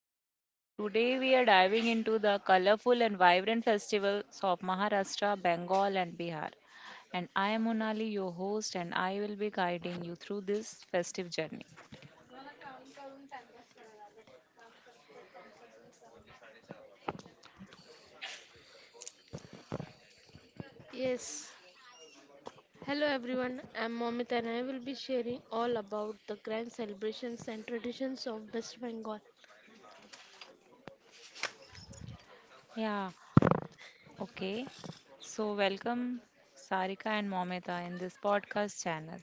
podcast. Today, we are diving into the colorful and vibrant festivals of Maharashtra, Bengal, and Bihar. And I am Monali, your host, and I will be guiding you through this festive journey. Yes. Hello everyone, I'm Momit and I will be sharing all about the grand celebrations and traditions of West Bengal. Yeah, okay. So, welcome Sarika and Momita in this podcast channel.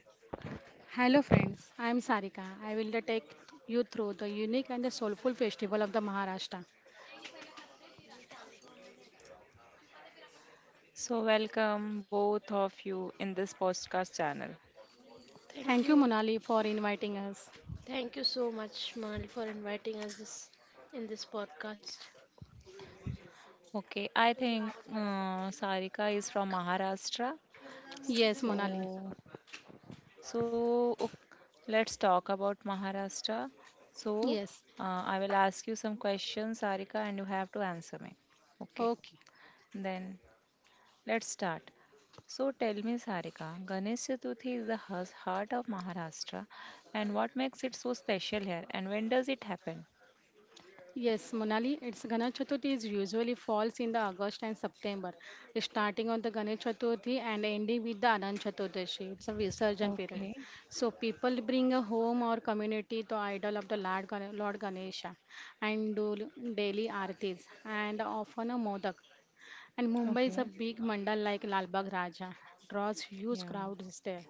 So, welcome both of you in this podcast channel. Thank you. Thank you so much, Mal, for inviting us this, in this podcast. Okay, I think Sarika is from Maharashtra. Yes, Monali. So, so ok, let's talk about Maharashtra. So, I will ask you some questions, Sarika, and you have to answer me. Okay. Okay. Then let's start. So tell me, Sarika, Ganesh Chaturthi is the heart of Maharashtra, and what makes it so special here, and when does it happen? Yes, Monali, it's Ganesh Chaturthi is usually falls in the August and September, starting on the Ganesh Chaturthi and ending with the Anant Chaturdashi. It's a Visarjan period. Okay. So people bring a home or community to idol of the Lord, Lord Ganesha and do daily aartis and often a modak. And Mumbai is a Okay. big mandal like Lal Bagh Raja, draws huge Yeah. crowds there.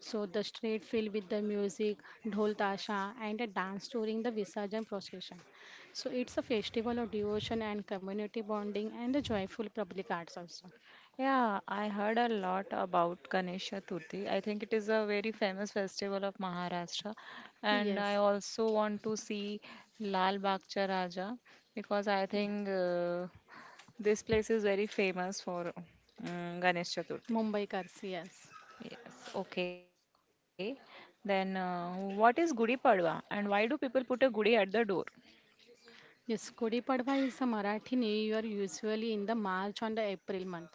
So the street filled with the music, dhol tasha, and a dance during the Visarjan procession. So it's a festival of devotion and community bonding and the joyful public arts also. Yeah, I heard a lot about Ganesh Chaturthi. I think it is a very famous festival of Maharashtra. And I Yes, also want to see Lal Bagcha Raja because I think this place is very famous for Ganesh Chaturthi. Mumbai Kars, yes. Yes, okay. Then what is Gudi Padwa and why do people put a gudi at the door? Yes, Gudi Padwa is a Marathi New Year usually in the March and the April month.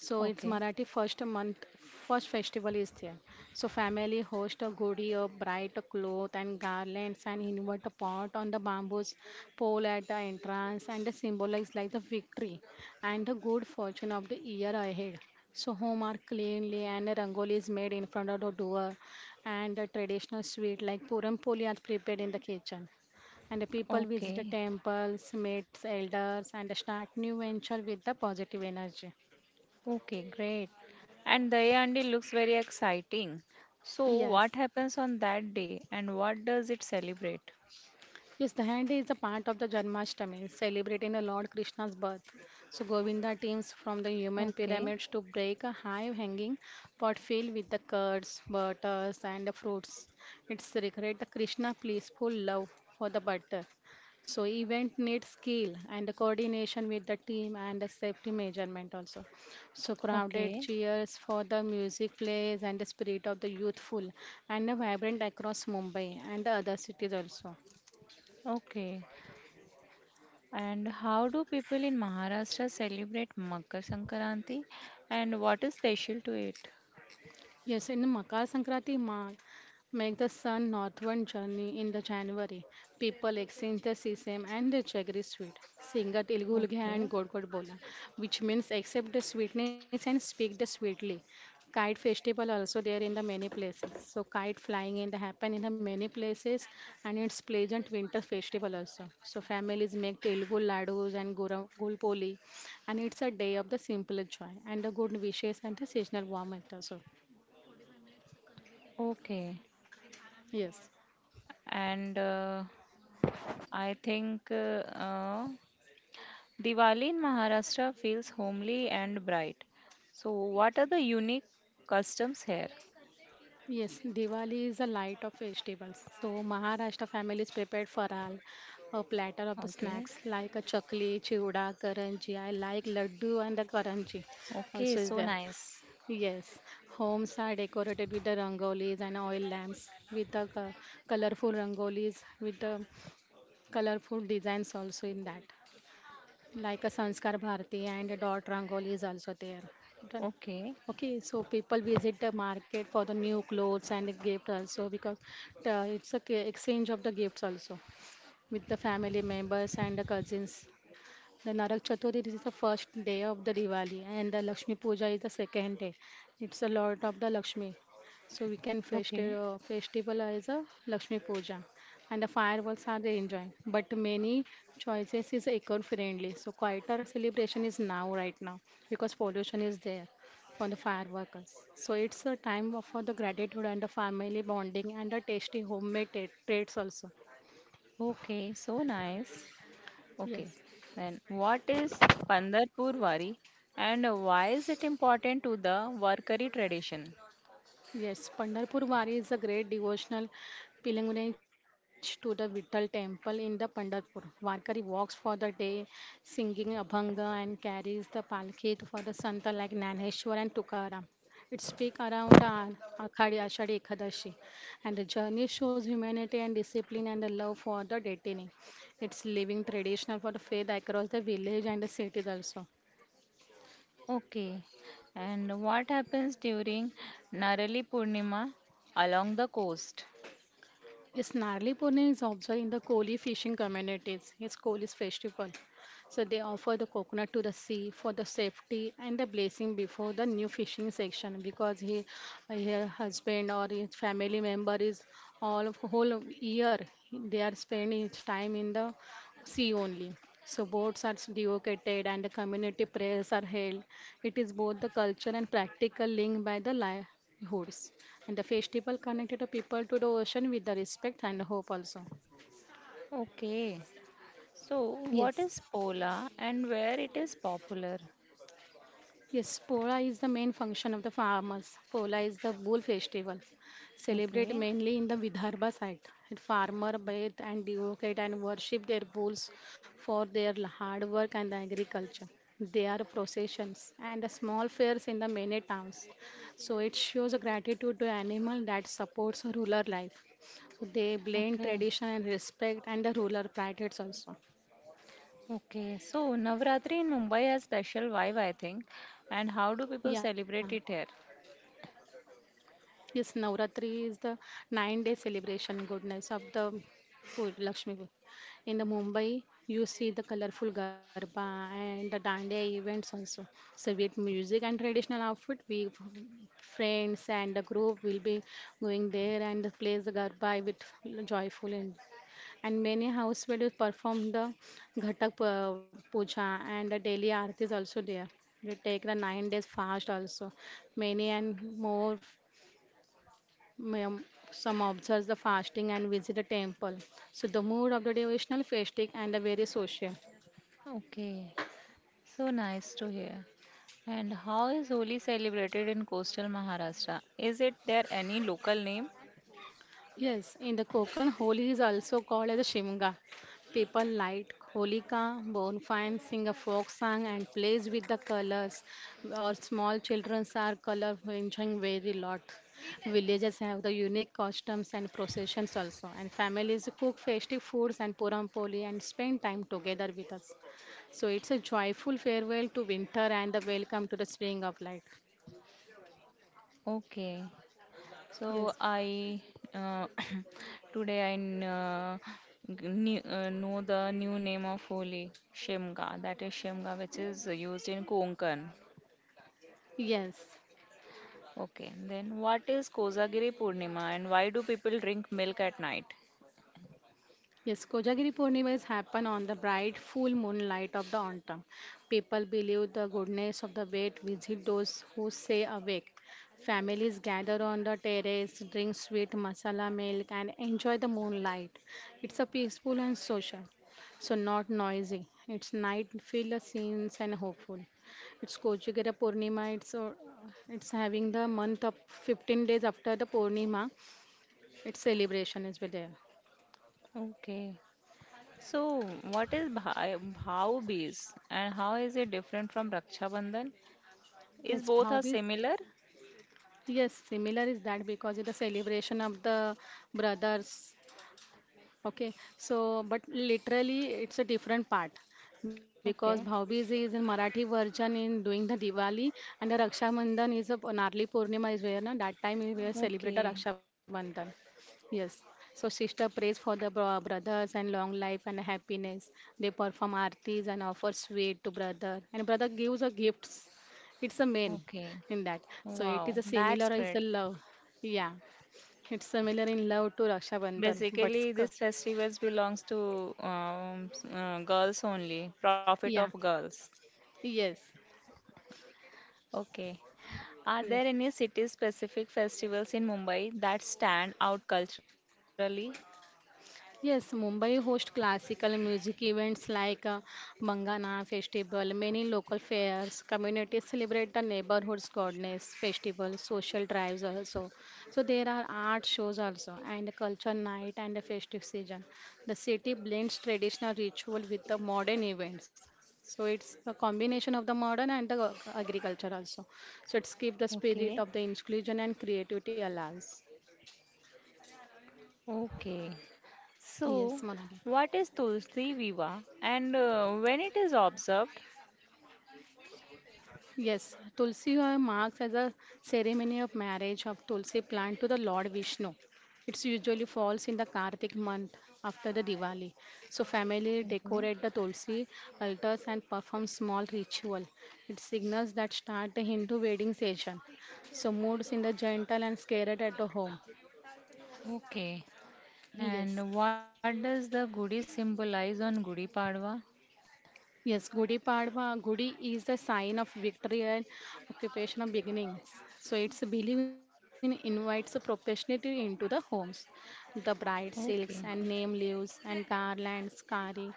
So it's Okay, Marathi first month, first festival is there. So family host a Gudi, a bright cloth and garlands and invert a pot on the bamboos pole at the entrance and the symbolize like the victory and the good fortune of the year ahead. So home are cleanly and a rangoli is made in front of the door and the traditional sweet like puram poli are prepared in the kitchen and the people visit the okay. temples, meets elders, and start new venture with the positive energy. Okay, great. And the looks very exciting. So, what Yes, happens on that day and what does it celebrate? Yes, Dahandi is a part of the Janmashtami, celebrating the Lord Krishna's birth. So Govinda teams from the human Okay, pyramids to break a high-hanging pot filled with the curds, butters, and the fruits. It's recreate the Krishna peaceful love for the butter. So event needs skill and the coordination with the team and the safety measurement also. So crowded okay, cheers for the music plays and the spirit of the youthful and the vibrant across Mumbai and the other cities also. okay. And how do people in Maharashtra celebrate Makar Sankranti and what is special to it? Yes, in Makar Sankranti, ma make the sun northward journey in the January. People exchange the sesame and the jaggery sweet. Sing a Telugu Lugha Okay, and God God Bola, which means accept the sweetness and speak the sweetly. Kite festival also there in the many places. So kite flying in the happen in the many places and it's pleasant winter festival also. So families make Telugu laddus and gulpoli and it's a day of the simple joy and the good wishes and the seasonal warmth also. okay. Yes, And I think Diwali in Maharashtra feels homely and bright. So, what are the unique customs here? yes, Diwali is a light of vegetables. So Maharashtra families prepared faral, a platter of the Okay. snacks like a chakli, chivda, karanji. I like laddu and the karanji Okay, also is so there. nice. Yes, homes are decorated with the rangolis and oil lamps with the colorful rangolis with the colorful designs also in that, like a Sanskar Bharati and a dot Rangoli is also there. Done. Okay, Okay, so people visit the market for the new clothes and the gift also because the, it's a exchange of the gifts also with the family members and the cousins. The Narak Chaturthi this is the first day of the Diwali and the Lakshmi Puja is the second day. It's a lot of the Lakshmi. So we can okay. Festival as a Lakshmi Puja and the fireworks are they enjoyed. But many choices is eco-friendly. So quieter celebration is now right now because pollution is there on the fireworks. So it's a for the gratitude and the family bonding and the tasty homemade treats also. Okay, so nice. Okay. Yes. Then what is Pandarpur Wari and why is it important to the Warkari tradition? Yes, Pandharpur Wari is a great devotional pilgrimage to the Vittal temple in the Pandharpur. Varkari walks for the day, singing Abhanga and carries the palki for the Santa like Naneshwar and Tukaram. It speaks around the Akhadi Ashadi Ekadashi, and the journey shows humanity and discipline and the love for the destiny. It's living traditional for the faith across the village and the cities also. Okay. And what happens during Narali Purnima along the coast? Yes, Narli Purnim is observed in the Koli fishing communities. It's Koli's festival. So they offer the coconut to the sea for the safety and the blessing before the new fishing section because he, her husband or his family member is all of whole of year they are spending his time in the see only. So boards are devocated and the community prayers are held. It is both the culture and practical link by the livelihoods. And the festival connected the people to the ocean with the respect and hope also. Okay. So what Yes. is Pola and where it is popular? Yes, Pola is the main function of the farmers. Pola is the bull festival, celebrated Okay. mainly in the Vidarbha side. It farmer bathe and devote and worship their bulls for their hard work and agriculture. There are processions and the small fairs in the many towns. So it shows a gratitude to animal that supports rural life. So they blend Okay. tradition and respect and the rural pride also. Okay, so Navratri in Mumbai has special vibe, I think. And how do Yeah. people celebrate it here? Yes, Navratri is the 9 day celebration goodness of the Lakshmi. In the Mumbai, you see the colorful garba and the dandiya events also. So with music and traditional outfit, we friends and the group will be going there and plays the garba with joyful and, many house will perform the Ghatak Puja and the daily aarti is also there. We take the 9 days fast also. Many and more um, some observe the fasting and visit the temple. So the mood of the devotional, fasting and the very social. Okay, so nice to hear. And how is Holi celebrated in coastal Maharashtra? Is it there any local name? Yes, in the Konkan, Holi is also called as a Shimga. People light holika, bonfire, sing a folk song, and plays with the colors. Or small children are colorful, enjoying very lot. Villages have the unique costumes and processions also, and families cook festive foods and puram poli and spend time together with us. So it's a joyful farewell to winter and the welcome to the spring of life. Okay, so Yes, I uh, today I know the new name of Holi, Shemga. That is Shemga, which is used in Konkan. yes. Okay, then what is Kozagiri Purnima and why do people drink milk at night? Yes, Kojagiri Purnima is happen on the bright full moonlight of the autumn. People believe the goodness of the wet visit those who stay awake. Families gather on the terrace, drink sweet masala milk, and enjoy the moonlight. It's a peaceful and social, so not noisy. It's night filled with scenes and hopeful. It's Kojagiri Purnima. It's having the month of 15 days after the Purnima. Its celebration is with there. Okay. So, what is Bhai Bhau Bees and how is it different from Raksha Bandhan? Is Yes, both are Bhavi similar? Yes, similar is that because it's a celebration of the brothers. Okay, so but literally it's a different part because Okay. Bhaubij is in Marathi version in doing the Diwali and the Raksha Bandhan is a Narli Purnima is where na, that time we were celebrate the Okay. Raksha Bandhan. Yes. So sister prays for the brothers and long life and happiness. They perform aartis and offer sweet to brother and brother gives a gifts. It's a main Okay. in that. So it is Wow, a that's similar is great. the love. Yeah. It's similar in love to Raksha Bandhan, but Basically, sc- these festivals belongs to girls only, profit of Yeah, girls. yes, Okay. Are there yes. any city-specific festivals in Mumbai that stand out culturally? Yes, Mumbai hosts classical music events like Mangana Festival, many local fairs, communities celebrate the neighborhood's goddess festival, social drives also. So there are art shows also and culture night and a festive season. The city blends traditional ritual with the modern events. So it's a combination of the modern and the agriculture also. So it's keep the Okay, spirit of the inclusion and creativity alive. okay. Yes, So, Monali. what is Tulsi Viva and when it is observed? Yes, Tulsi marks as a ceremony of marriage of Tulsi plant to the Lord Vishnu. It's usually falls in the Kartik month after the Diwali. So family decorate the Okay, Tulsi altars and perform small ritual. It signals that start the Hindu wedding season. So moods in the gentle and scared at the home. okay. Yes. And what does the Gudi symbolize on Gudi Padwa? Yes, Gudi Padwa, Gudi is the sign of victory and occupation of beginnings. So its belief in invites proportionality into the homes. The bright silks Okay, and name leaves and garlands carry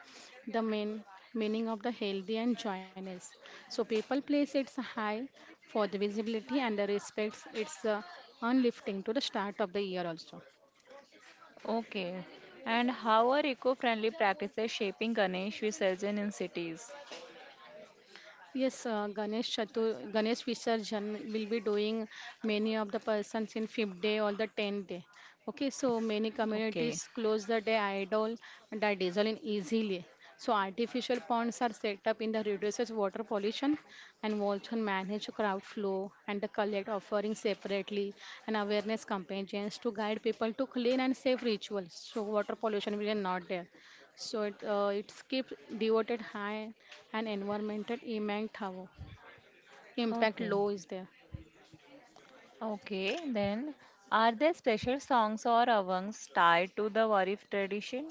the main meaning of the healthy and joyous. So people place its high for the visibility and the respects its unlifting to the start of the year also. okay. And how are eco friendly practices shaping Ganesh Visurgin in cities? Yes, Ganesh Visarjan will be doing many of the persons in fifth day or the tenth day. Okay, so many Okay, communities close the day idol and are dissolving easily. So artificial ponds are set up in the reduces water pollution and also manage crowd flow and the collect offerings separately and awareness campaigns to guide people to clean and safe rituals. So water pollution will be not there. So it's keep devoted high and environmental impact okay, low is there. okay. Then, are there special songs or avangs tied to the Warif tradition?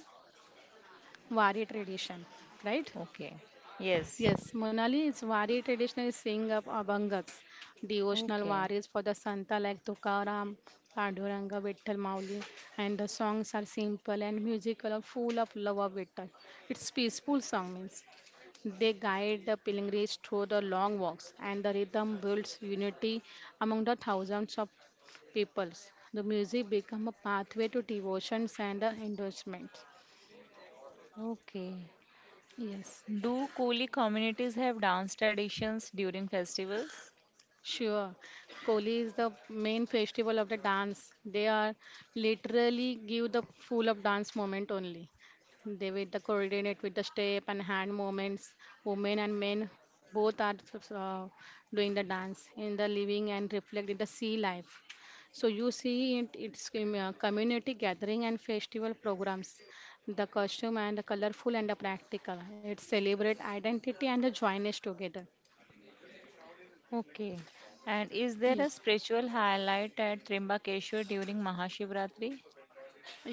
Wari tradition, right? Okay, yes. Yes, Monali is Wari tradition is sing of Abhangas, devotional Okay. Waris for the Santa like Tukaram, Panduranga, Vittal Mauli, and the songs are simple and musical, and full of love of Vittal. It's peaceful song means they guide the pilgrims through the long walks, and the rhythm builds unity among the thousands of peoples. The music becomes a pathway to devotions and endorsement. Okay. Yes. Do Koli communities have dance traditions during festivals? Sure. Koli is the main festival of the dance. They are literally give the full of dance moment only. They with the coordinate with the step and hand movements. Women and men both are uh, doing the dance in the living and reflect in the sea life. So you see it, it's community gathering and festival programs. The costume and the colorful and the practical. It celebrate identity and the joyness together. Okay. And is there a Yes. spiritual highlight at Trimbakeshwar during Mahashivratri?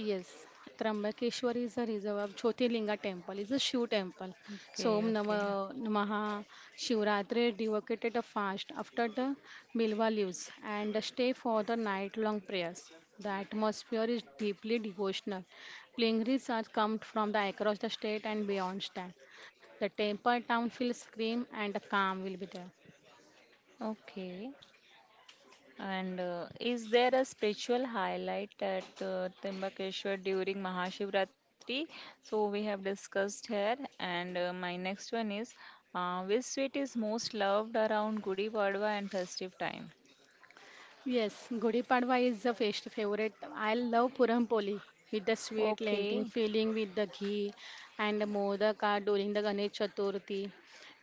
Yes, Trambakeshwar is a reserve of Jyotirlinga temple. It's a Shiv temple. So Okay. Om Okay. Nama Namaha Shivratri devocated a fast after the Bilwa leaves and a stay for the night-long prayers. The atmosphere is deeply devotional. Pilgrims are come from the across the state and beyond that. The temple town feels calm and the calm will be there. Okay. And is there a spiritual highlight at Trimbakeshwar during Mahashivratri? So we have discussed here. And my next one is which sweet is most loved around Gudi Padwa and festive time? Yes, Gudi Padwa is the first favorite. I love Puram Poli with the sweet lentil Okay. filling with the ghee and the modak during the Ganesh Chaturthi,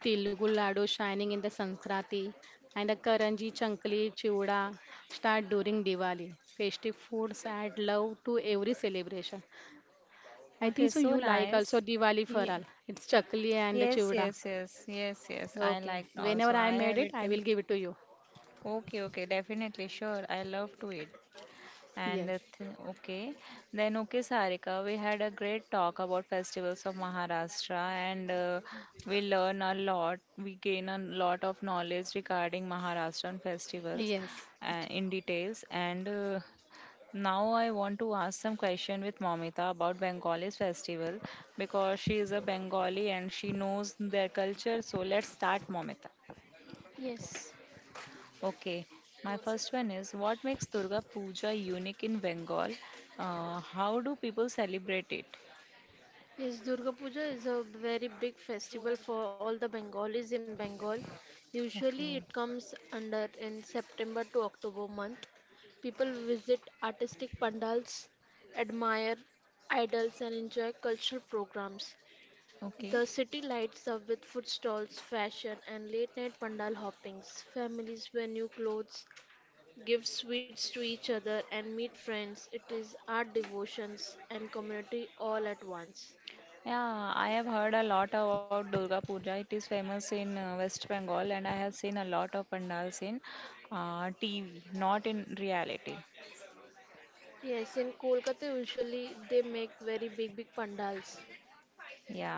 Tilgu Ladu shining in the Sanskrati, and the Karanji Chankli Chiuda start during Diwali. Festive foods add love to every celebration. I think Okay, so so you like also nice. Diwali for all. Ye- It's Chakli and the Yes, Chiuda. yes, yes, yes, yes. I Okay. like also. Whenever I I made have it, I written. will give it to you. Okay, okay, definitely, sure. I love to eat. And Yes. the th- okay, then okay, Sarika, we had a great talk about festivals of Maharashtra, and we learn a lot. We gain a lot of knowledge regarding Maharashtrian festivals Yes. It- in details, and now I want to ask some question with Momita about Bengali's festival because she is a Bengali and she knows their culture. So let's start, Momita. Yes. Okay, my first one is what makes Durga Puja unique in Bengal? How do people celebrate it? Yes, Durga Puja is a very big festival for all the Bengalis in Bengal. Usually Okay, it comes under in September to October month. People visit artistic pandals, admire idols and enjoy cultural programs. okay. The city lights up with food stalls, fashion and late night pandal hoppings. Families wear new clothes, give sweets to each other and meet friends. It is art devotions and community all at once. Yeah, I have heard a lot about Durga Puja. It is famous in West Bengal, and I have seen a lot of pandals in TV, not in reality. Yes, in Kolkata usually they make very big pandals. Yeah.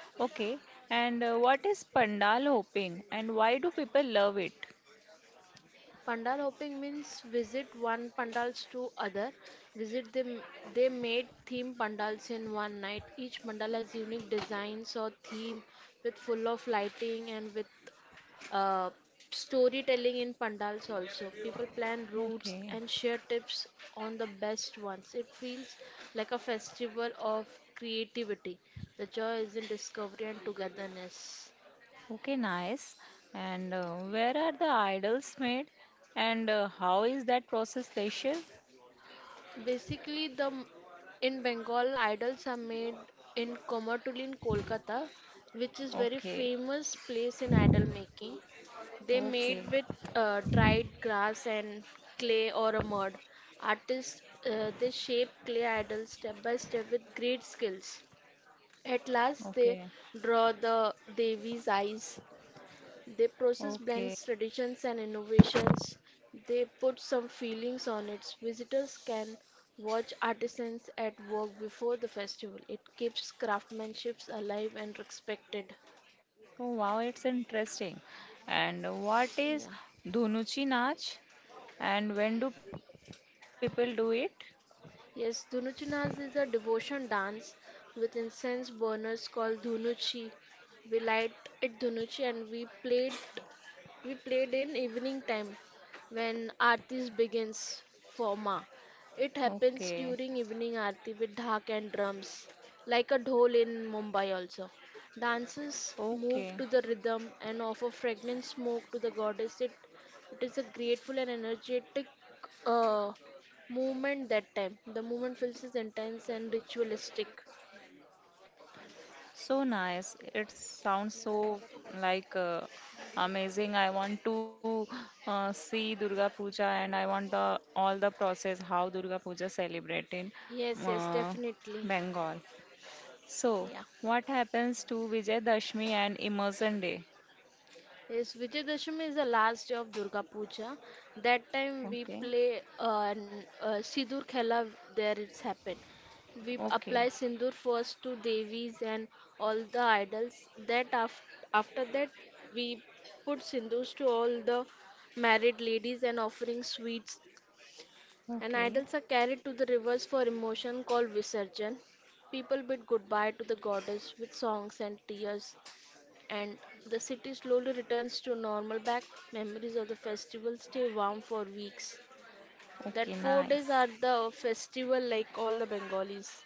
Okay, and what is pandal hopping and why do people love it? Pandal hopping means visit one pandals to other. Visit them they made theme pandals in one night. Each pandal has unique designs or theme with full of lighting and with uh, storytelling in pandals also. People plan routes Okay, and share tips on the best ones. It feels like a festival of creativity. The joy is in discovery and togetherness. okay, nice. And where are the idols made and how is that process special? Basically, in Bengal, idols are made in Komatulli in Kolkata, which is very Okay, famous place in idol making. They okay, made with dried grass and clay or a mud. Artists they shape clay idols step by step with great skills. At last, they okay, draw the Devi's eyes their process okay. blends traditions and innovations. They put some feelings on it. Visitors can watch artisans at work before the festival. It keeps craftsmanship alive and respected. Oh, wow, it's interesting. And what Yeah. is Dhunuchi Nach and when do people do it? Yes, Dhunuchi Naz is a devotion dance with incense burners called Dhunuchi. We light it Dhunuchi and We played in evening time when Aarti begins for Ma. It Okay, happens during evening Aarti with dhak and drums, like a dhol in Mumbai also. Dancers okay. move to the rhythm and offer fragrant smoke to the goddess. It is a grateful and energetic uh, movement that time. The movement feels is intense and ritualistic. So nice. It sounds so like amazing. I want to see Durga Puja and I want the all the process how Durga Puja celebrate in Yes, yes, uh, definitely. Bengal. So Yeah. what happens to Vijay Dashmi and Immersion Day? Yes, Vijayadashami is the last day of Durga Puja. That time we Okay. play Sindoor Khela, there it's happened. We Okay. apply Sindoor first to Devis and all the idols. That af After that, we put Sindoors to all the married ladies and offering sweets. And idols Okay. are carried to the rivers for emotion called Visarjan. People bid goodbye to the goddess with songs and tears and the city slowly returns to normal back. Memories of the festival stay warm for weeks. That Okay, 4 days nice. are the festival like all the Bengalis.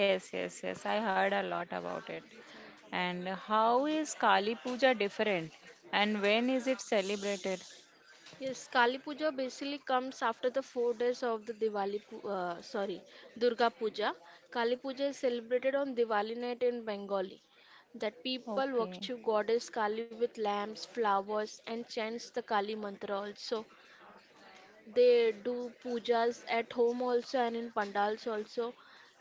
Yes, yes, yes. I heard a lot about it. And how is Kali Puja different? And when is it celebrated? Yes, Kali Puja basically comes after the 4 days of the Diwali, sorry, Durga Puja. Kali Puja is celebrated on Diwali night in Bengali. That people Okay. worship goddess Kali with lamps, flowers, and chants the Kali mantra also. They do pujas at home also and in pandals also.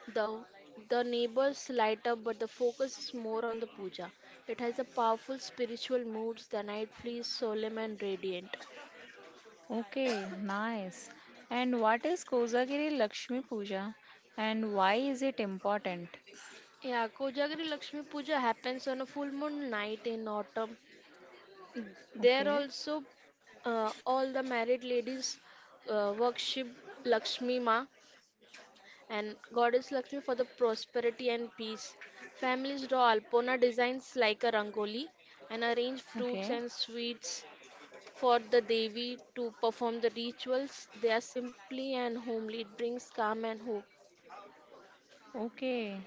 The the neighbors light up, but the focus is more on the puja. It has a powerful spiritual moods. The night feels solemn and radiant. Okay, nice. And what is Kozagiri Lakshmi Puja and why is it important? Yeah, Kojagiri Lakshmi Puja happens on a full moon night in autumn. There Okay. also all the married ladies worship Lakshmi Ma and Goddess Lakshmi for the prosperity and peace. Families draw Alpona designs like a rangoli and arrange fruits Okay. and sweets for the Devi to perform the rituals. They are simply and homely. It brings calm and hope. Okay.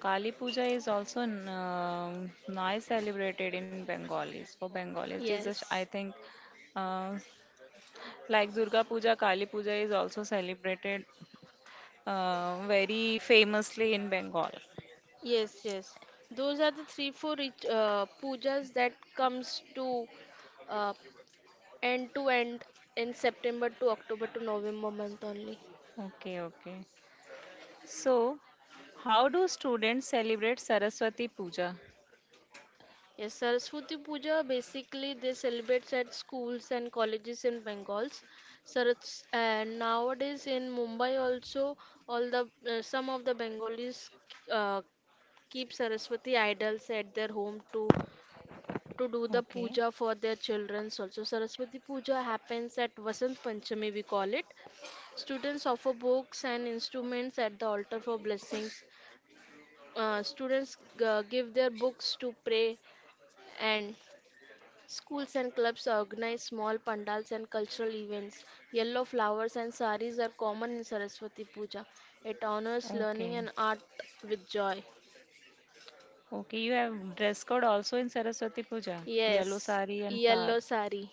Kali Puja is also nice celebrated in Bengalis. For Bengalis, it is just, Yes. I think, uh, like Durga Puja, Kali Puja is also celebrated very famously in Bengal. Yes, yes. Those are the three, four pujas that comes to uh, end to end in September to October to November month only. Okay, okay. So, how do students celebrate Saraswati Puja? Yes, Saraswati Puja basically they celebrate at schools and colleges in Bengals. Saras and Nowadays in Mumbai also all the some of the Bengalis uh, keep Saraswati idols at their home to do the Okay, puja for their children. Also, Saraswati Puja happens at Vasant Panchami we call it. Students offer books and instruments at the altar for blessings. Students give their books to pray and schools and clubs organize small pandals and cultural events. Yellow flowers and saris are common in Saraswati Puja. It honors okay, learning and art with joy. okay. You have dress code also in Saraswati Puja, yellow Yes, sari and flower. yellow sari.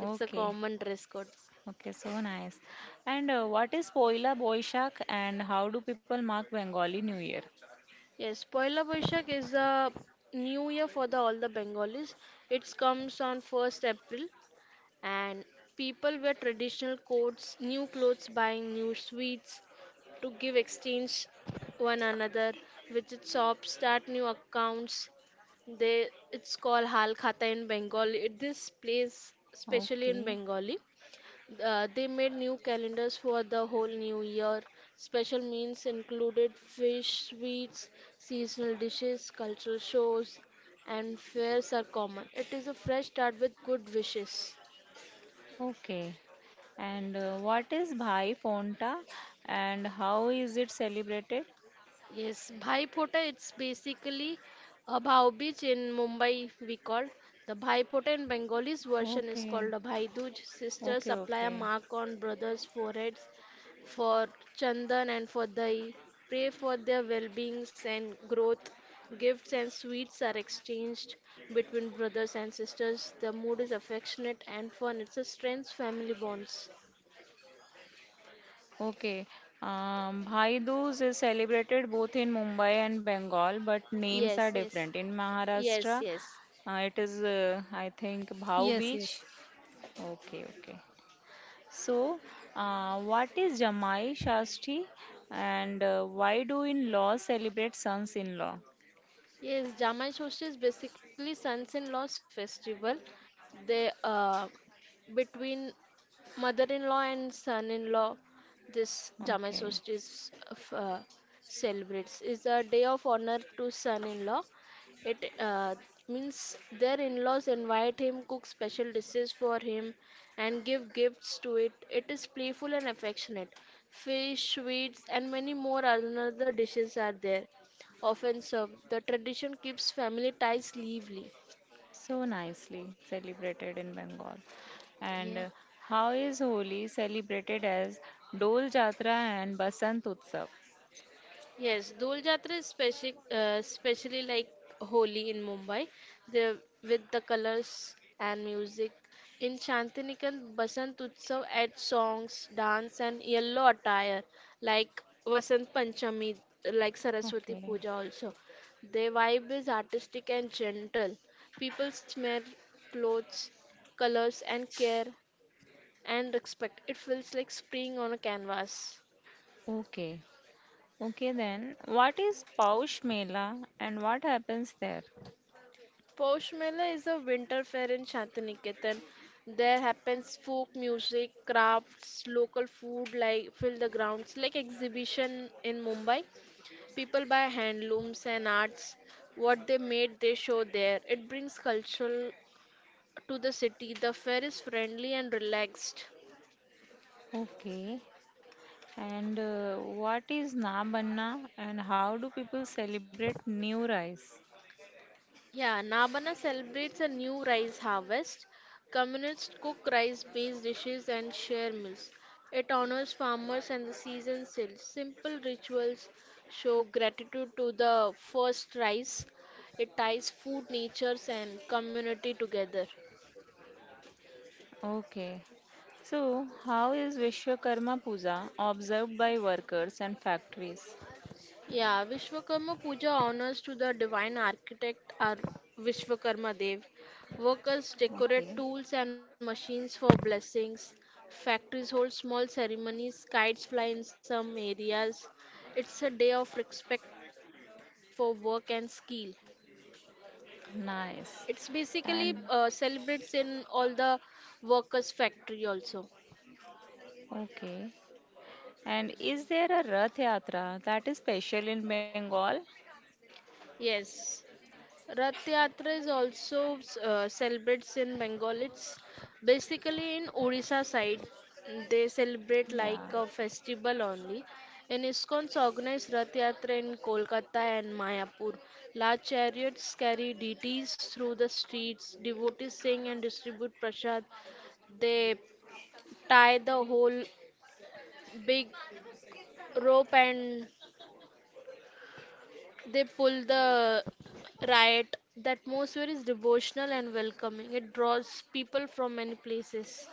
It's a common dress code. okay, so nice. And what is Poila Boishak and how do people mark Bengali New Year? Yes, Poila Boishak is the new year for the all the Bengalis. It comes on 1st April. And people wear traditional coats, new clothes, buying new sweets to give exchange one another. Visit shops, start new accounts. They it's called Hal Khata in Bengali. It, this place, especially in Okay, Bengali, they made new calendars for the whole new year. Special meals included fish, sweets, seasonal dishes, cultural shows, and fairs are common. It is a fresh start with good wishes. okay. And what is Bhai Phonta and how is it celebrated? Yes, Bhai Phota, it's basically a Bhau Beach in Mumbai, we call. The Bhai Phota in Bengalis version is called Okay, a Bhai Dooj. Sisters okay, apply a okay. mark on brothers' foreheads for Chandan and for Dahi. Pray for their well beings and growth. Gifts and sweets are exchanged between brothers and sisters. The mood is affectionate and fun. It's a strength family bonds. Okay. Bhai Dooj is celebrated both in Mumbai and Bengal, but names are Yes, yes. different. In Yes, Maharashtra, yes. It is, I think, Bhau Beach. yes. Okay, okay. So, what is Jamai Shashti and why do in law celebrate sons in law? Yes, Jamai Soshi is basically sons-in-law's festival. They Between mother-in-law and son-in-law this Jamai Okay, Solstice celebrates is a day of honor to son-in-law. It means their in-laws invite him, cook special dishes for him, and give gifts to it. It is playful and affectionate. Fish, sweets, and many more other dishes are there, often served. The tradition keeps family ties lively. so nicely celebrated in Bengal. And Yeah. How is Holi celebrated as Dol Jatra and Basant Utsav? Yes, Dol Jatra is speci especially like Holi in Mumbai, the, with the colors and music. In Shantinikan, Basant Utsav adds songs, dance, and yellow attire like Vasant Panchami, like Saraswati Okay. Puja also. Their vibe is artistic and gentle. People smear clothes, colors, and care and respect. It feels like spring on a canvas. Okay. Okay then. What is Paush Mela and what happens there? Posh Mela is a winter fair in Shantiniketan. There happens folk music, crafts, local food like fill the grounds like exhibition in Mumbai. People buy handlooms and arts. What they made they show there. It brings culture to the city. The fair is friendly and relaxed. Okay. And what is Na Banna and how do people celebrate new rice? Yeah, Nabana celebrates a new rice harvest. Communists cook rice based dishes and share meals. It honors farmers and the season sales. Simple rituals show gratitude to the first rice. It ties food, nature, and community together. Okay. So, how is Vishwakarma Puja observed by workers and factories? Yeah, Vishwakarma Puja honors to the divine architect or Vishwakarma Dev. Workers decorate Okay. tools and machines for blessings. Factories hold small ceremonies, kites fly in some areas. It's a day of respect for work and skill. It's basically Nice. And celebrates in all the workers' factory also. okay. And is there a Rath Yatra that is special in Bengal? Yes. Rath Yatra is also celebrates in Bengal. It's basically, in Orissa side, they celebrate Yeah. like a festival only. In ISKCON's organized Rath Yatra in Kolkata and Mayapur. Large chariots carry deities through the streets. Devotees sing and distribute prasad. They tie the whole big rope and they pull the riot. The atmosphere is devotional and welcoming. It draws people from many places.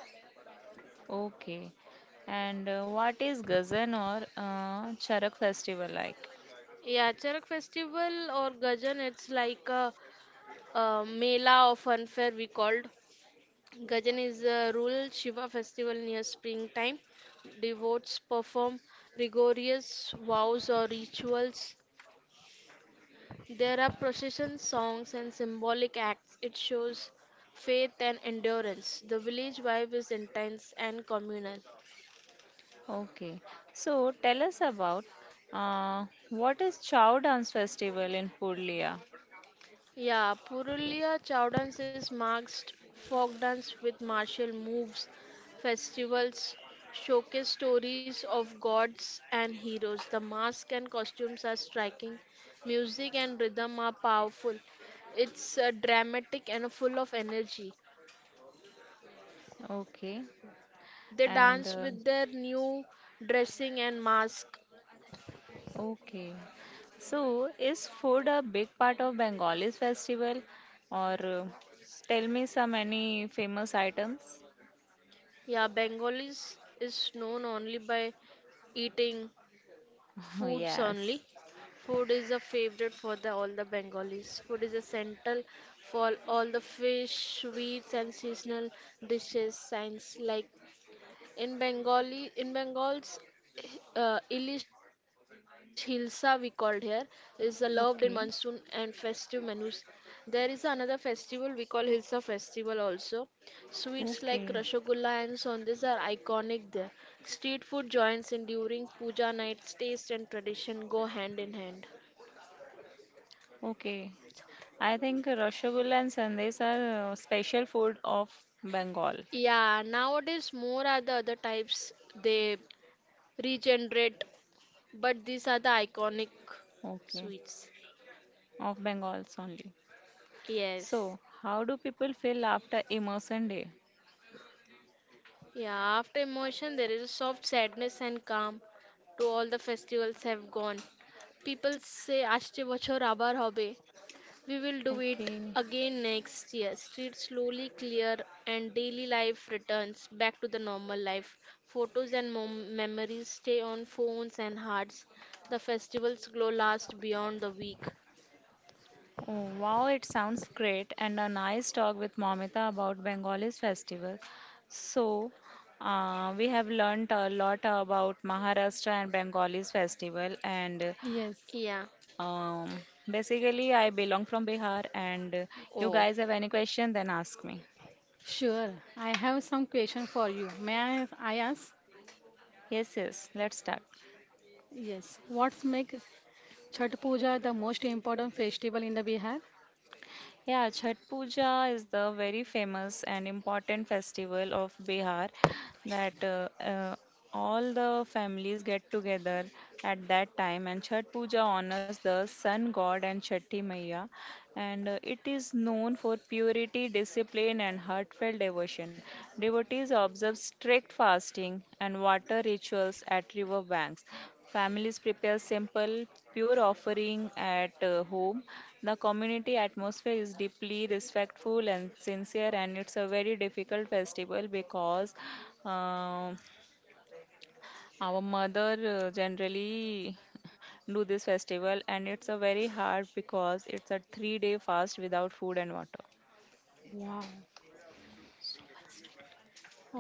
Okay. And what is Gazan or Charak festival like? Yeah, Charak festival or Gajan, it's like a mela or funfair we called. Gajan is a rural Shiva festival near springtime. Devotees perform rigorous vows or rituals. There are processions, songs, and symbolic acts. It shows faith and endurance. The village vibe is intense and communal. Okay. So tell us about what is Chow Dance Festival in Puglia? Yeah, Purulia Chow dance is marked folk dance with martial moves, festivals, showcase stories of gods and heroes. The masks and costumes are striking, music and rhythm are powerful. It's dramatic and full of energy. Okay. They And dance uh, with their new dressing and mask. okay. So is food a big part of Bengalis festival or tell me some any famous items? Yeah, Bengalis is known only by eating foods Yes. only. Food is a favorite for the all the Bengalis. Food is a central for all the fish, sweets, and seasonal dishes. Signs like In Bengali, in Bengal's Ilish Hilsa, we called here, is loved in monsoon and Okay. festive menus. There is another festival we call Hilsa Festival also. Sweets like Okay. Rasgulla and Sondes are iconic there. Street food joints in during puja nights. Taste and tradition go hand in hand. Okay. I think rasgulla and sandesh are special food of Bengal. Yeah, nowadays more are the other types they regenerate, but these are the iconic Okay, sweets. of Bengals only. So, Yes. how do people feel after immersion day? Yeah, after emotion, there is a soft sadness and calm to all the festivals have gone. People say, Ashte bachor abar hobe. We will do it Okay. again next year. Streets slowly clear and daily life returns back to the normal life. Photos and memories stay on phones and hearts. The festival's glow lasts beyond the week. Oh, wow, it sounds great and a nice talk with Momita about Bengalis festival. So, we have learned a lot about Maharashtra and Bengalis festival and Yes, Yeah. um, basically I belong from Bihar and you guys have Oh, any question then ask me. sure. I have some question for you. May I ask? Yes, yes, let's start. Yes. What makes Chhat Puja the most important festival in the Bihar? Yeah, Chhat Puja is the very famous and important festival of Bihar that all the families get together at that time and Chhat Puja honors the sun god and Chatti Maiya and it is known for purity, discipline and heartfelt devotion. Devotees observe strict fasting and water rituals at river banks. Families prepare simple, pure offering at home. The community atmosphere is deeply respectful and sincere, and it's a very difficult festival because um our mother generally do this festival, and it's a very hard because it's a three-day fast without food and water. Wow.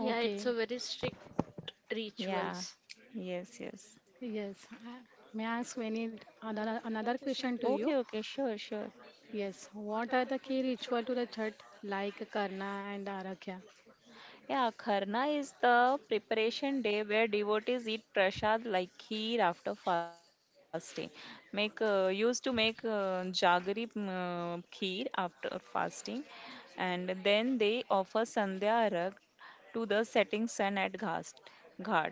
yeah, it's a very strict Yeah. rituals. Yes. Yes. Yes. I- May I ask any another question to you? Okay. Okay. Sure. Sure. Yes. What are the key ritual to the Chhat like Karna and Arakya? Yeah, Kharna is the preparation day where devotees eat prasad like kheer after fasting. Make used to make jaggery kheer after fasting, and then they offer sandhya arag to the setting sun at ghat.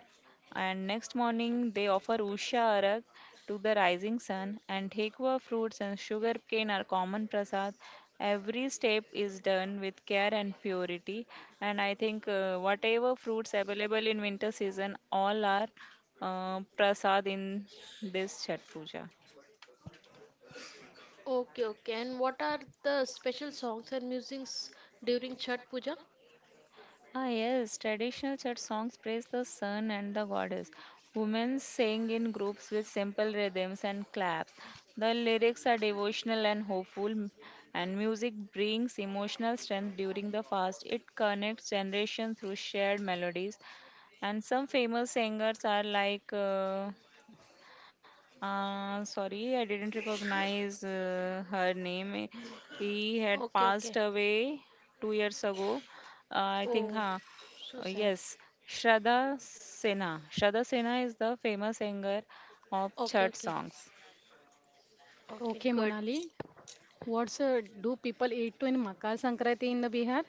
And next morning they offer usha arag to the rising sun, and thekwa fruits and sugar cane are common prasad. Every step is done with care and purity, and I think whatever fruits available in winter season, all are prasad in this Chhat Puja. Okay, okay. And what are the special songs and musings during Chhat Puja? Ah, yes, traditional church songs praise the sun and the goddess. Women sing in groups with simple rhythms and claps. The lyrics are devotional and hopeful, and music brings emotional strength during the fast. It connects generations through shared melodies. And some famous singers are like. Sorry, I didn't recognize her name. He had Okay, passed okay. away 2 years ago. I think, Oh, huh? so sad. Yes, Shraddha Sena. Shraddha Sena is the famous singer of Okay, church okay. songs. Okay, Okay, good. Monali. What's do people eat to in Makar Sankranti in the Bihar?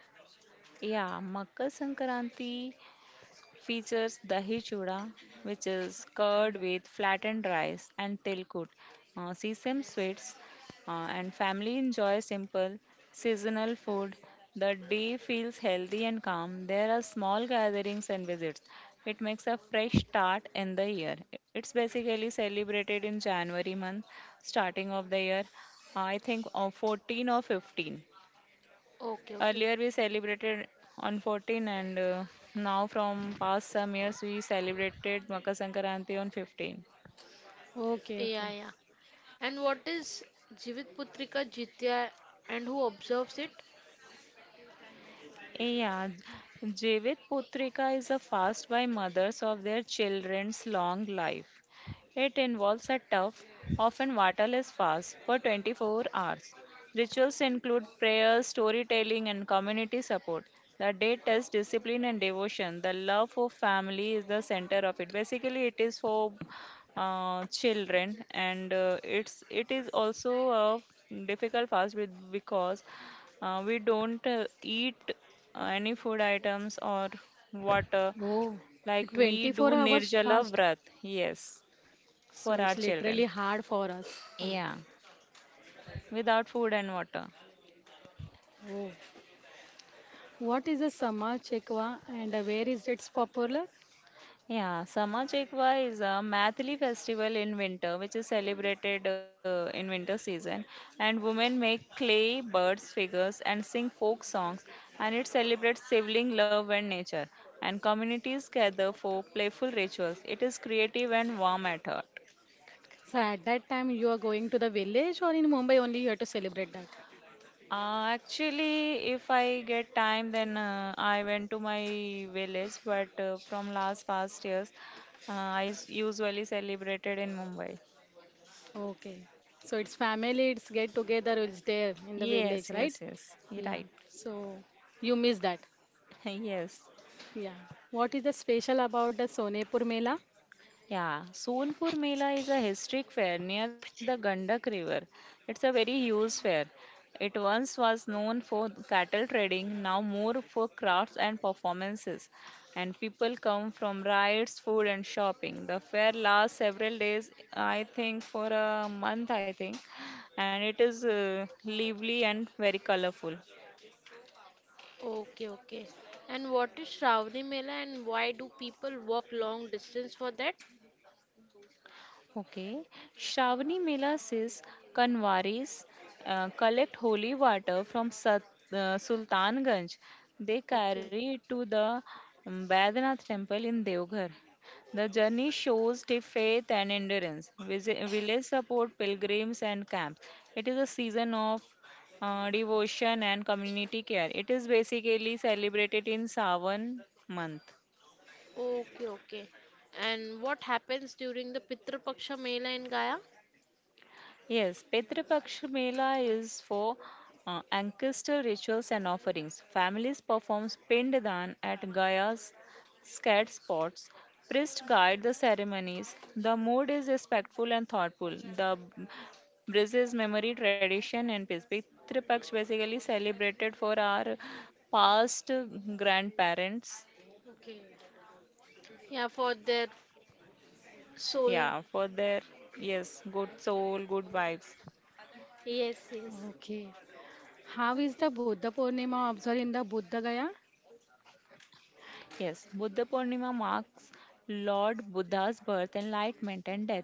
Yeah, Makar Sankranti features dahi chuda, which is curd with flattened rice and tilkut, sesame sweets, and family enjoy simple seasonal food. The day feels healthy and calm. There are small gatherings and visits. It makes a fresh start in the year. It's basically celebrated in January month, starting of the year. I think 14 or 15. Okay, okay. Earlier we celebrated on 14 and now from past some years we celebrated Makar Sankranti on 15. Okay, Yeah, okay. yeah. And what is Jivit Putrika Jitya and who observes it? Yeah, Jeevit Putrika is a fast by mothers of their children's long life. It involves a tough, often waterless fast for 24 hours. Rituals include prayers, storytelling, and community support. The day tests discipline and devotion. The love for family is the center of it. Basically, it is for children, and it is also a difficult fast with, because we don't eat any food items or water Oh, like we do 24 hours Nirjala fast. Vrat. Yes, So for our it's literally children. hard for us. Uh, Yeah. Without food and water. oh. What is a Sama Chekwa and where is it popular? Yeah, Sama Chekwa is a Mathili festival in winter, which is celebrated in winter season. And women make clay birds figures and sing folk songs, and it celebrates sibling love and nature. And communities gather for playful rituals. It is creative and warm at heart. So at that time you are going to the village or in Mumbai only you have to celebrate that. Actually, if I get time, then I went to my village. But from last past years, usually celebrated in Mumbai. Okay. So it's family, it's get together, it's there in the village, Yes, right? yes, yes. You're Yeah. right. So you miss that. Yes. Yeah. What is the special about the Sonepur Mela? Yeah, Sonpur Mela is a historic fair near the Gandak River. It's a very huge fair. It once was known for cattle trading, now more for crafts and performances. And people come from rides, food, and shopping. The fair lasts several days, I think, for a month, I think. And it is lively and very colorful. Okay, okay. And what is Shravani Mela and why do people walk long distance for that? Okay. Shravani Mela says Kanwaris collect holy water from Sat, Sultanganj. They Okay, carry it to the Badrinath temple in Devghar. The journey shows the faith and endurance. Village support pilgrims and camps. It is a season of devotion and community care. It is basically celebrated in Sawan month. okay, okay. And what happens during the Pitru Paksha Mela in Gaya? Yes, Petra Paksha Mela is for ancestor rituals and offerings. Families perform Pinddan at Gaya's scared spots. Priests guide the ceremonies. The mood is respectful and thoughtful. The Brazil's memory, tradition, and peace. Pitru Paksh basically celebrated for our past grandparents. Yeah, for their soul. Yeah, for their, yes, good soul, good vibes. Yes, yes. Okay. How is the Buddha Purnima observed in the Buddha Gaya? Yes, Buddha Purnima marks Lord Buddha's birth, enlightenment, and death.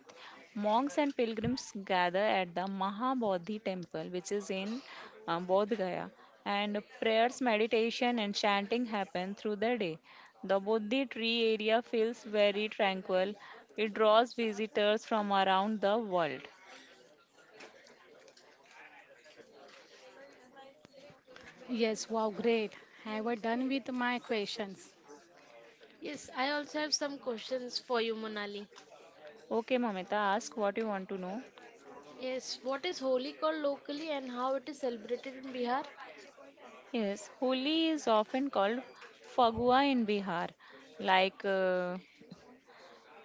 Monks and pilgrims gather at the Mahabodhi temple, which is in Bodh Gaya, and prayers, meditation, and chanting happen through the day. The Bodhi tree area feels very tranquil. It draws visitors from around the world. Yes, wow, great. I was done with my questions. Yes, I also have some questions for you, Monali. Okay, Mamita, ask what you want to know. Yes, what is Holi called locally and how it is celebrated in Bihar? Yes, Holi is often called Fagua in Bihar, like.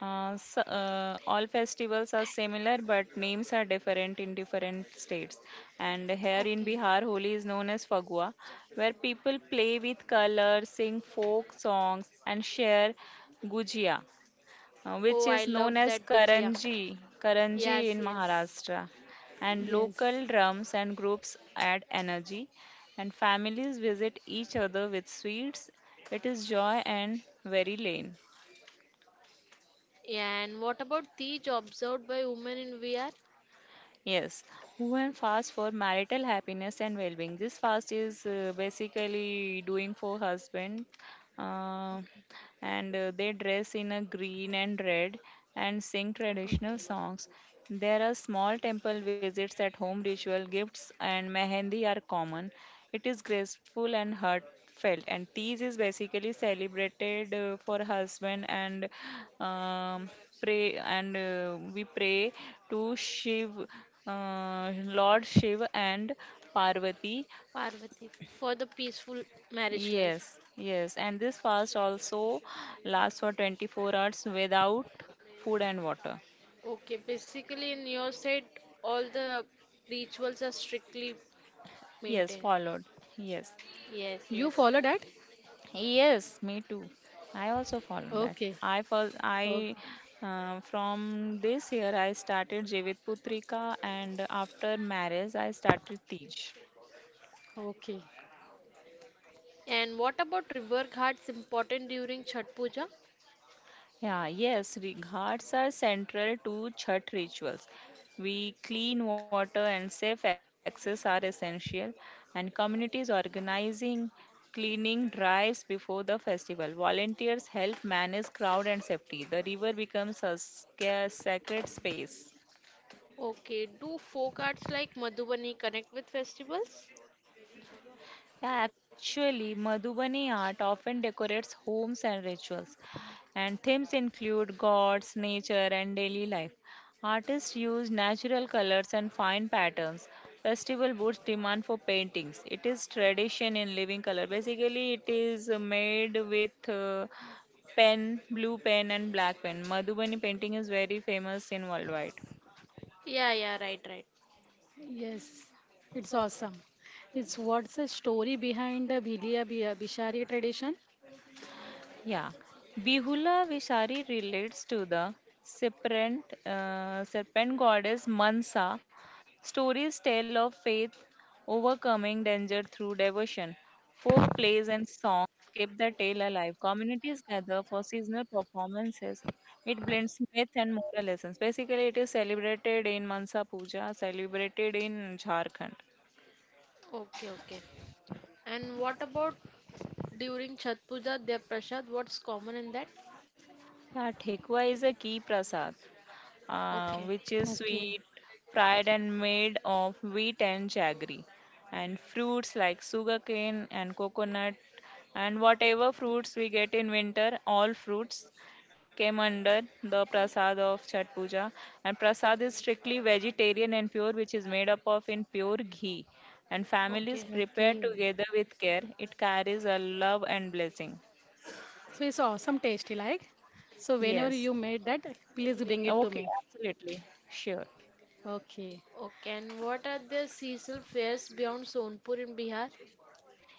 S All festivals are similar, but names are different in different states. And here in Okay. Bihar, Holi is known as Fagua, where people play with colors, sing folk songs, and share gujia, which Oh, I is known love as that Gujia. Karanji, Karanji Yes, in yes. Maharashtra. And Yes. local drums and groups add energy, and families visit each other with sweets. It is joy and very lane. Yeah, and what about Tej observed by women in Bihar? Yes, one fast for marital happiness and well-being. This fast is basically doing for husband, uh, Okay. and they dress in a green and red and sing traditional Okay. songs. There are small temple visits at home, ritual gifts, and mehendi are common. It is graceful and heartfelt, and Tees is basically celebrated for husband and um, pray and we pray to Shiv, Lord Shiv and Parvati. Parvati, for the peaceful marriage life. Yes, yes, and this fast also lasts for 24 hours without food and water. Okay, basically in your side, all the rituals are strictly Yes, maintained. followed. Yes. Yes, You yes. follow that? Yes, me too. I also follow that. Okay. I first, Okay. I From this year I started Jivit Putrika, and after marriage I started Tej. Okay. And what about river ghats important during Chhat Puja? Yeah, yes, ghats are central to Chhat rituals. We clean water and safe access are essential, and communities organizing cleaning drives before the festival. Volunteers help manage crowd and safety. The river becomes a sacred space. Okay, do folk arts like Madhubani connect with festivals? Yeah, actually, Madhubani art often decorates homes and rituals, and themes include gods, nature, and daily life. Artists use natural colors and fine patterns. Festival boosts demand for paintings. It is tradition in living color. Basically, it is made with pen, blue pen, and black pen. Madhubani painting is very famous in worldwide. Yeah, yeah, right, right. Yes. It's awesome. It's what's the story behind the Bishari tradition? Yeah, Bihula Vishari relates to the serpent goddess Mansa. Stories tell of faith overcoming danger through devotion. Folk plays and songs keep the tale alive. Communities gather for seasonal performances. It blends myth and moral lessons. Basically, it is celebrated in Mansa Puja, celebrated in Jharkhand. Okay, okay. And what about during Chhat Puja, their prasad? What's common in that? Yeah, Thekwa is a key prasad, Okay, which is Okay. sweet, fried and made of wheat and jaggery, and fruits like sugarcane and coconut, and whatever fruits we get in winter, all fruits came under the prasad of Chhat Puja. And prasad is strictly vegetarian and pure, which is made up of in pure ghee. And families okay, prepare Okay. together with care. It carries a love and blessing. So it's awesome tasty like. So whenever Yes. you made that, please bring it to Okay, me. absolutely. Sure. Okay. okay. And what are the seasonal fairs beyond Sonpur in Bihar?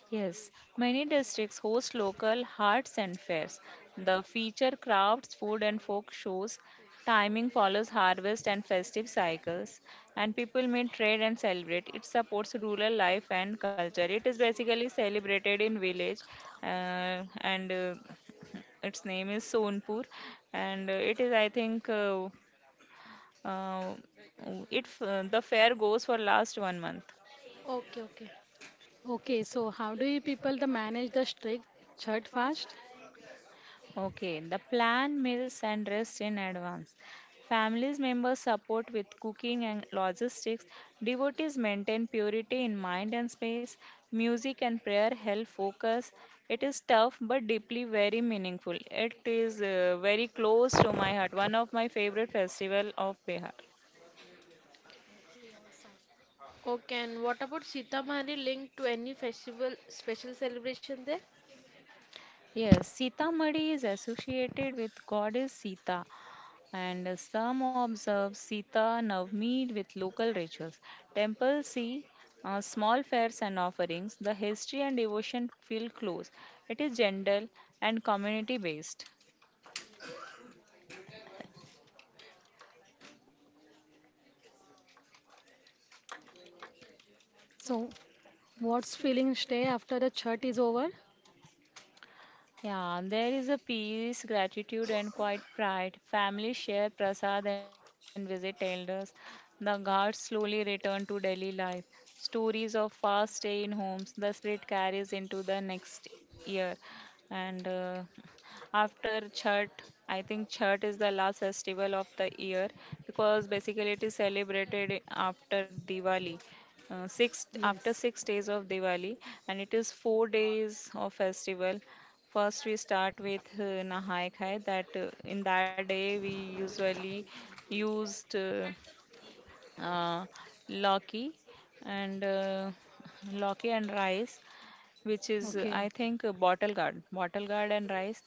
Yes, many districts host local arts and fairs. The feature crafts, food, and folk shows. Timing follows harvest and festive cycles, and people may trade and celebrate. It supports rural life and culture. It is basically celebrated in village, and its name is Sonpur, and it is I think uh, it f- the fair goes for last 1 month. Okay, okay, Okay. So how do you people the manage the strict chhat fast? Okay, the plan, meals, and rest in advance. Families members support with cooking and logistics. Devotees maintain purity in mind and space. Music and prayer help focus. It is tough but deeply very meaningful. It is very close to my heart. One of my favorite festival of Bihar. okay. And what about Sitamarhi linked to any festival, special celebration there? Yes, Sita Madi is associated with goddess Sita, and some observe Sita Navami with local rituals. Temples see small fairs and offerings. The history and devotion feel close. It is gentle and community based. So what's feeling stay after the chhat is over? Yeah, and there is a peace, gratitude, and quiet pride. Family share prasad and visit elders. The guards slowly return to daily life. Stories of fast stay in homes, the spirit carries into the next year. And after Chhat, I think Chhat is the last festival of the year because basically it is celebrated after Diwali, Yes. 6 days of Diwali, and it is 4 days of festival. First, we start with Nahai Khai. That in that day we usually used uh, Loki and Loki and rice, which is Okay. I think bottle guard and rice.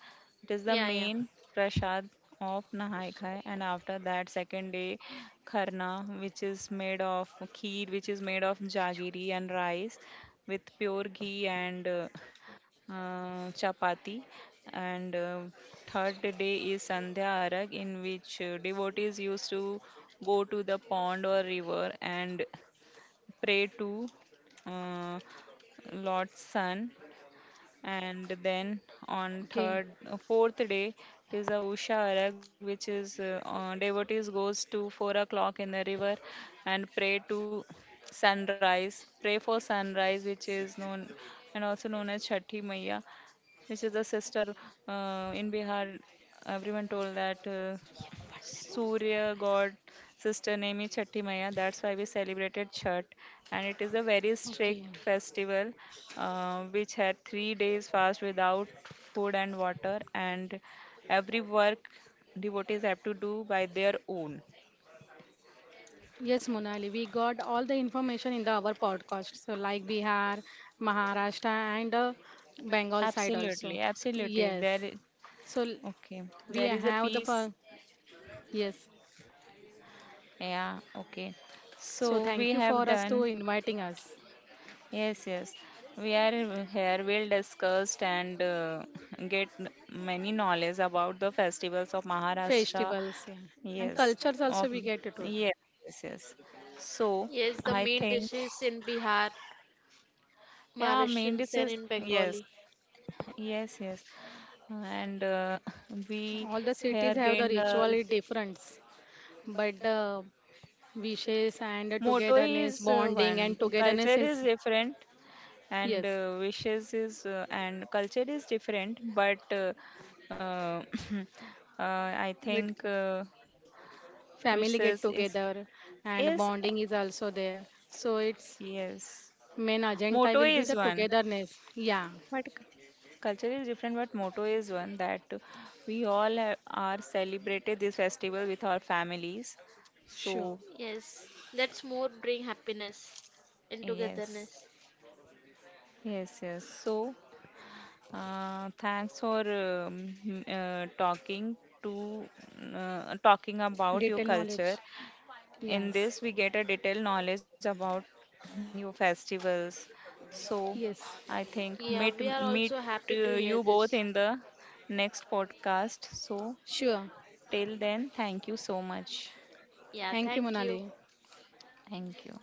It is Yeah, the yeah. main prasad of Nahai Khai. And after that, second day, Kharna, which is made of kheer, which is made of jaggery and rice with pure ghee and chapati, and third day is Sandhya Arag, in which devotees used to go to the pond or river and pray to uh, Lord's Son. And then on Okay. Fourth day, it is a Usha Arag, which is devotees goes to 4 o'clock in the river and pray to sunrise, pray for sunrise, which is known and also known as Chhathi Maiya, which is the sister in Bihar. Everyone told that Surya god sister name is Chatti Maya. That's why we celebrated Chhat, and it is a very Okay. strict festival, which had 3 days fast without food and water, and every work devotees have to do by their own. Yes, Monali, we got all the information in the our podcast, so like Bihar, Maharashtra, and Bengal side also. Absolutely, absolutely. Yes, so l- Okay. we There is a have the piece. fun. Yes, Yeah, okay. so So thank we you have for us to done. inviting us. Yes, yes. We are here, we'll discuss and get many knowledge about the festivals of Maharashtra. Festivals, yeah, and cultures Yes, also we of, get it, all. yes, yes, yes. So Yes, the I main think, dishes in Bihar. yeah, main dish Mauritians is, and in yes, Bengali. yes, yes. And we All the here cities have the gained a ritual difference, but the wishes and the motto togetherness, is bonding one, and togetherness culture is is different, and yes. Wishes is and culture is different but uh, I Wait. think Family get wishes is together and is bonding is also there, so its yes, main agenda motto will be is the one togetherness, yeah. but culture is different but motto is one that we all have, are celebrated this festival with our families, so, Sure. Yes, that's more bring happiness and yes, togetherness. yes, yes. So thanks for uh, talking to talking about your Detail knowledge. culture. In Yes. this, we get a detailed knowledge about your festivals. So, Yes. I think meet Yeah, we are meet also uh, happy to you hear both in this. the next podcast. So, Sure. till then, thank you so much. Yeah, Thank you, thank Monali. you. Thank you.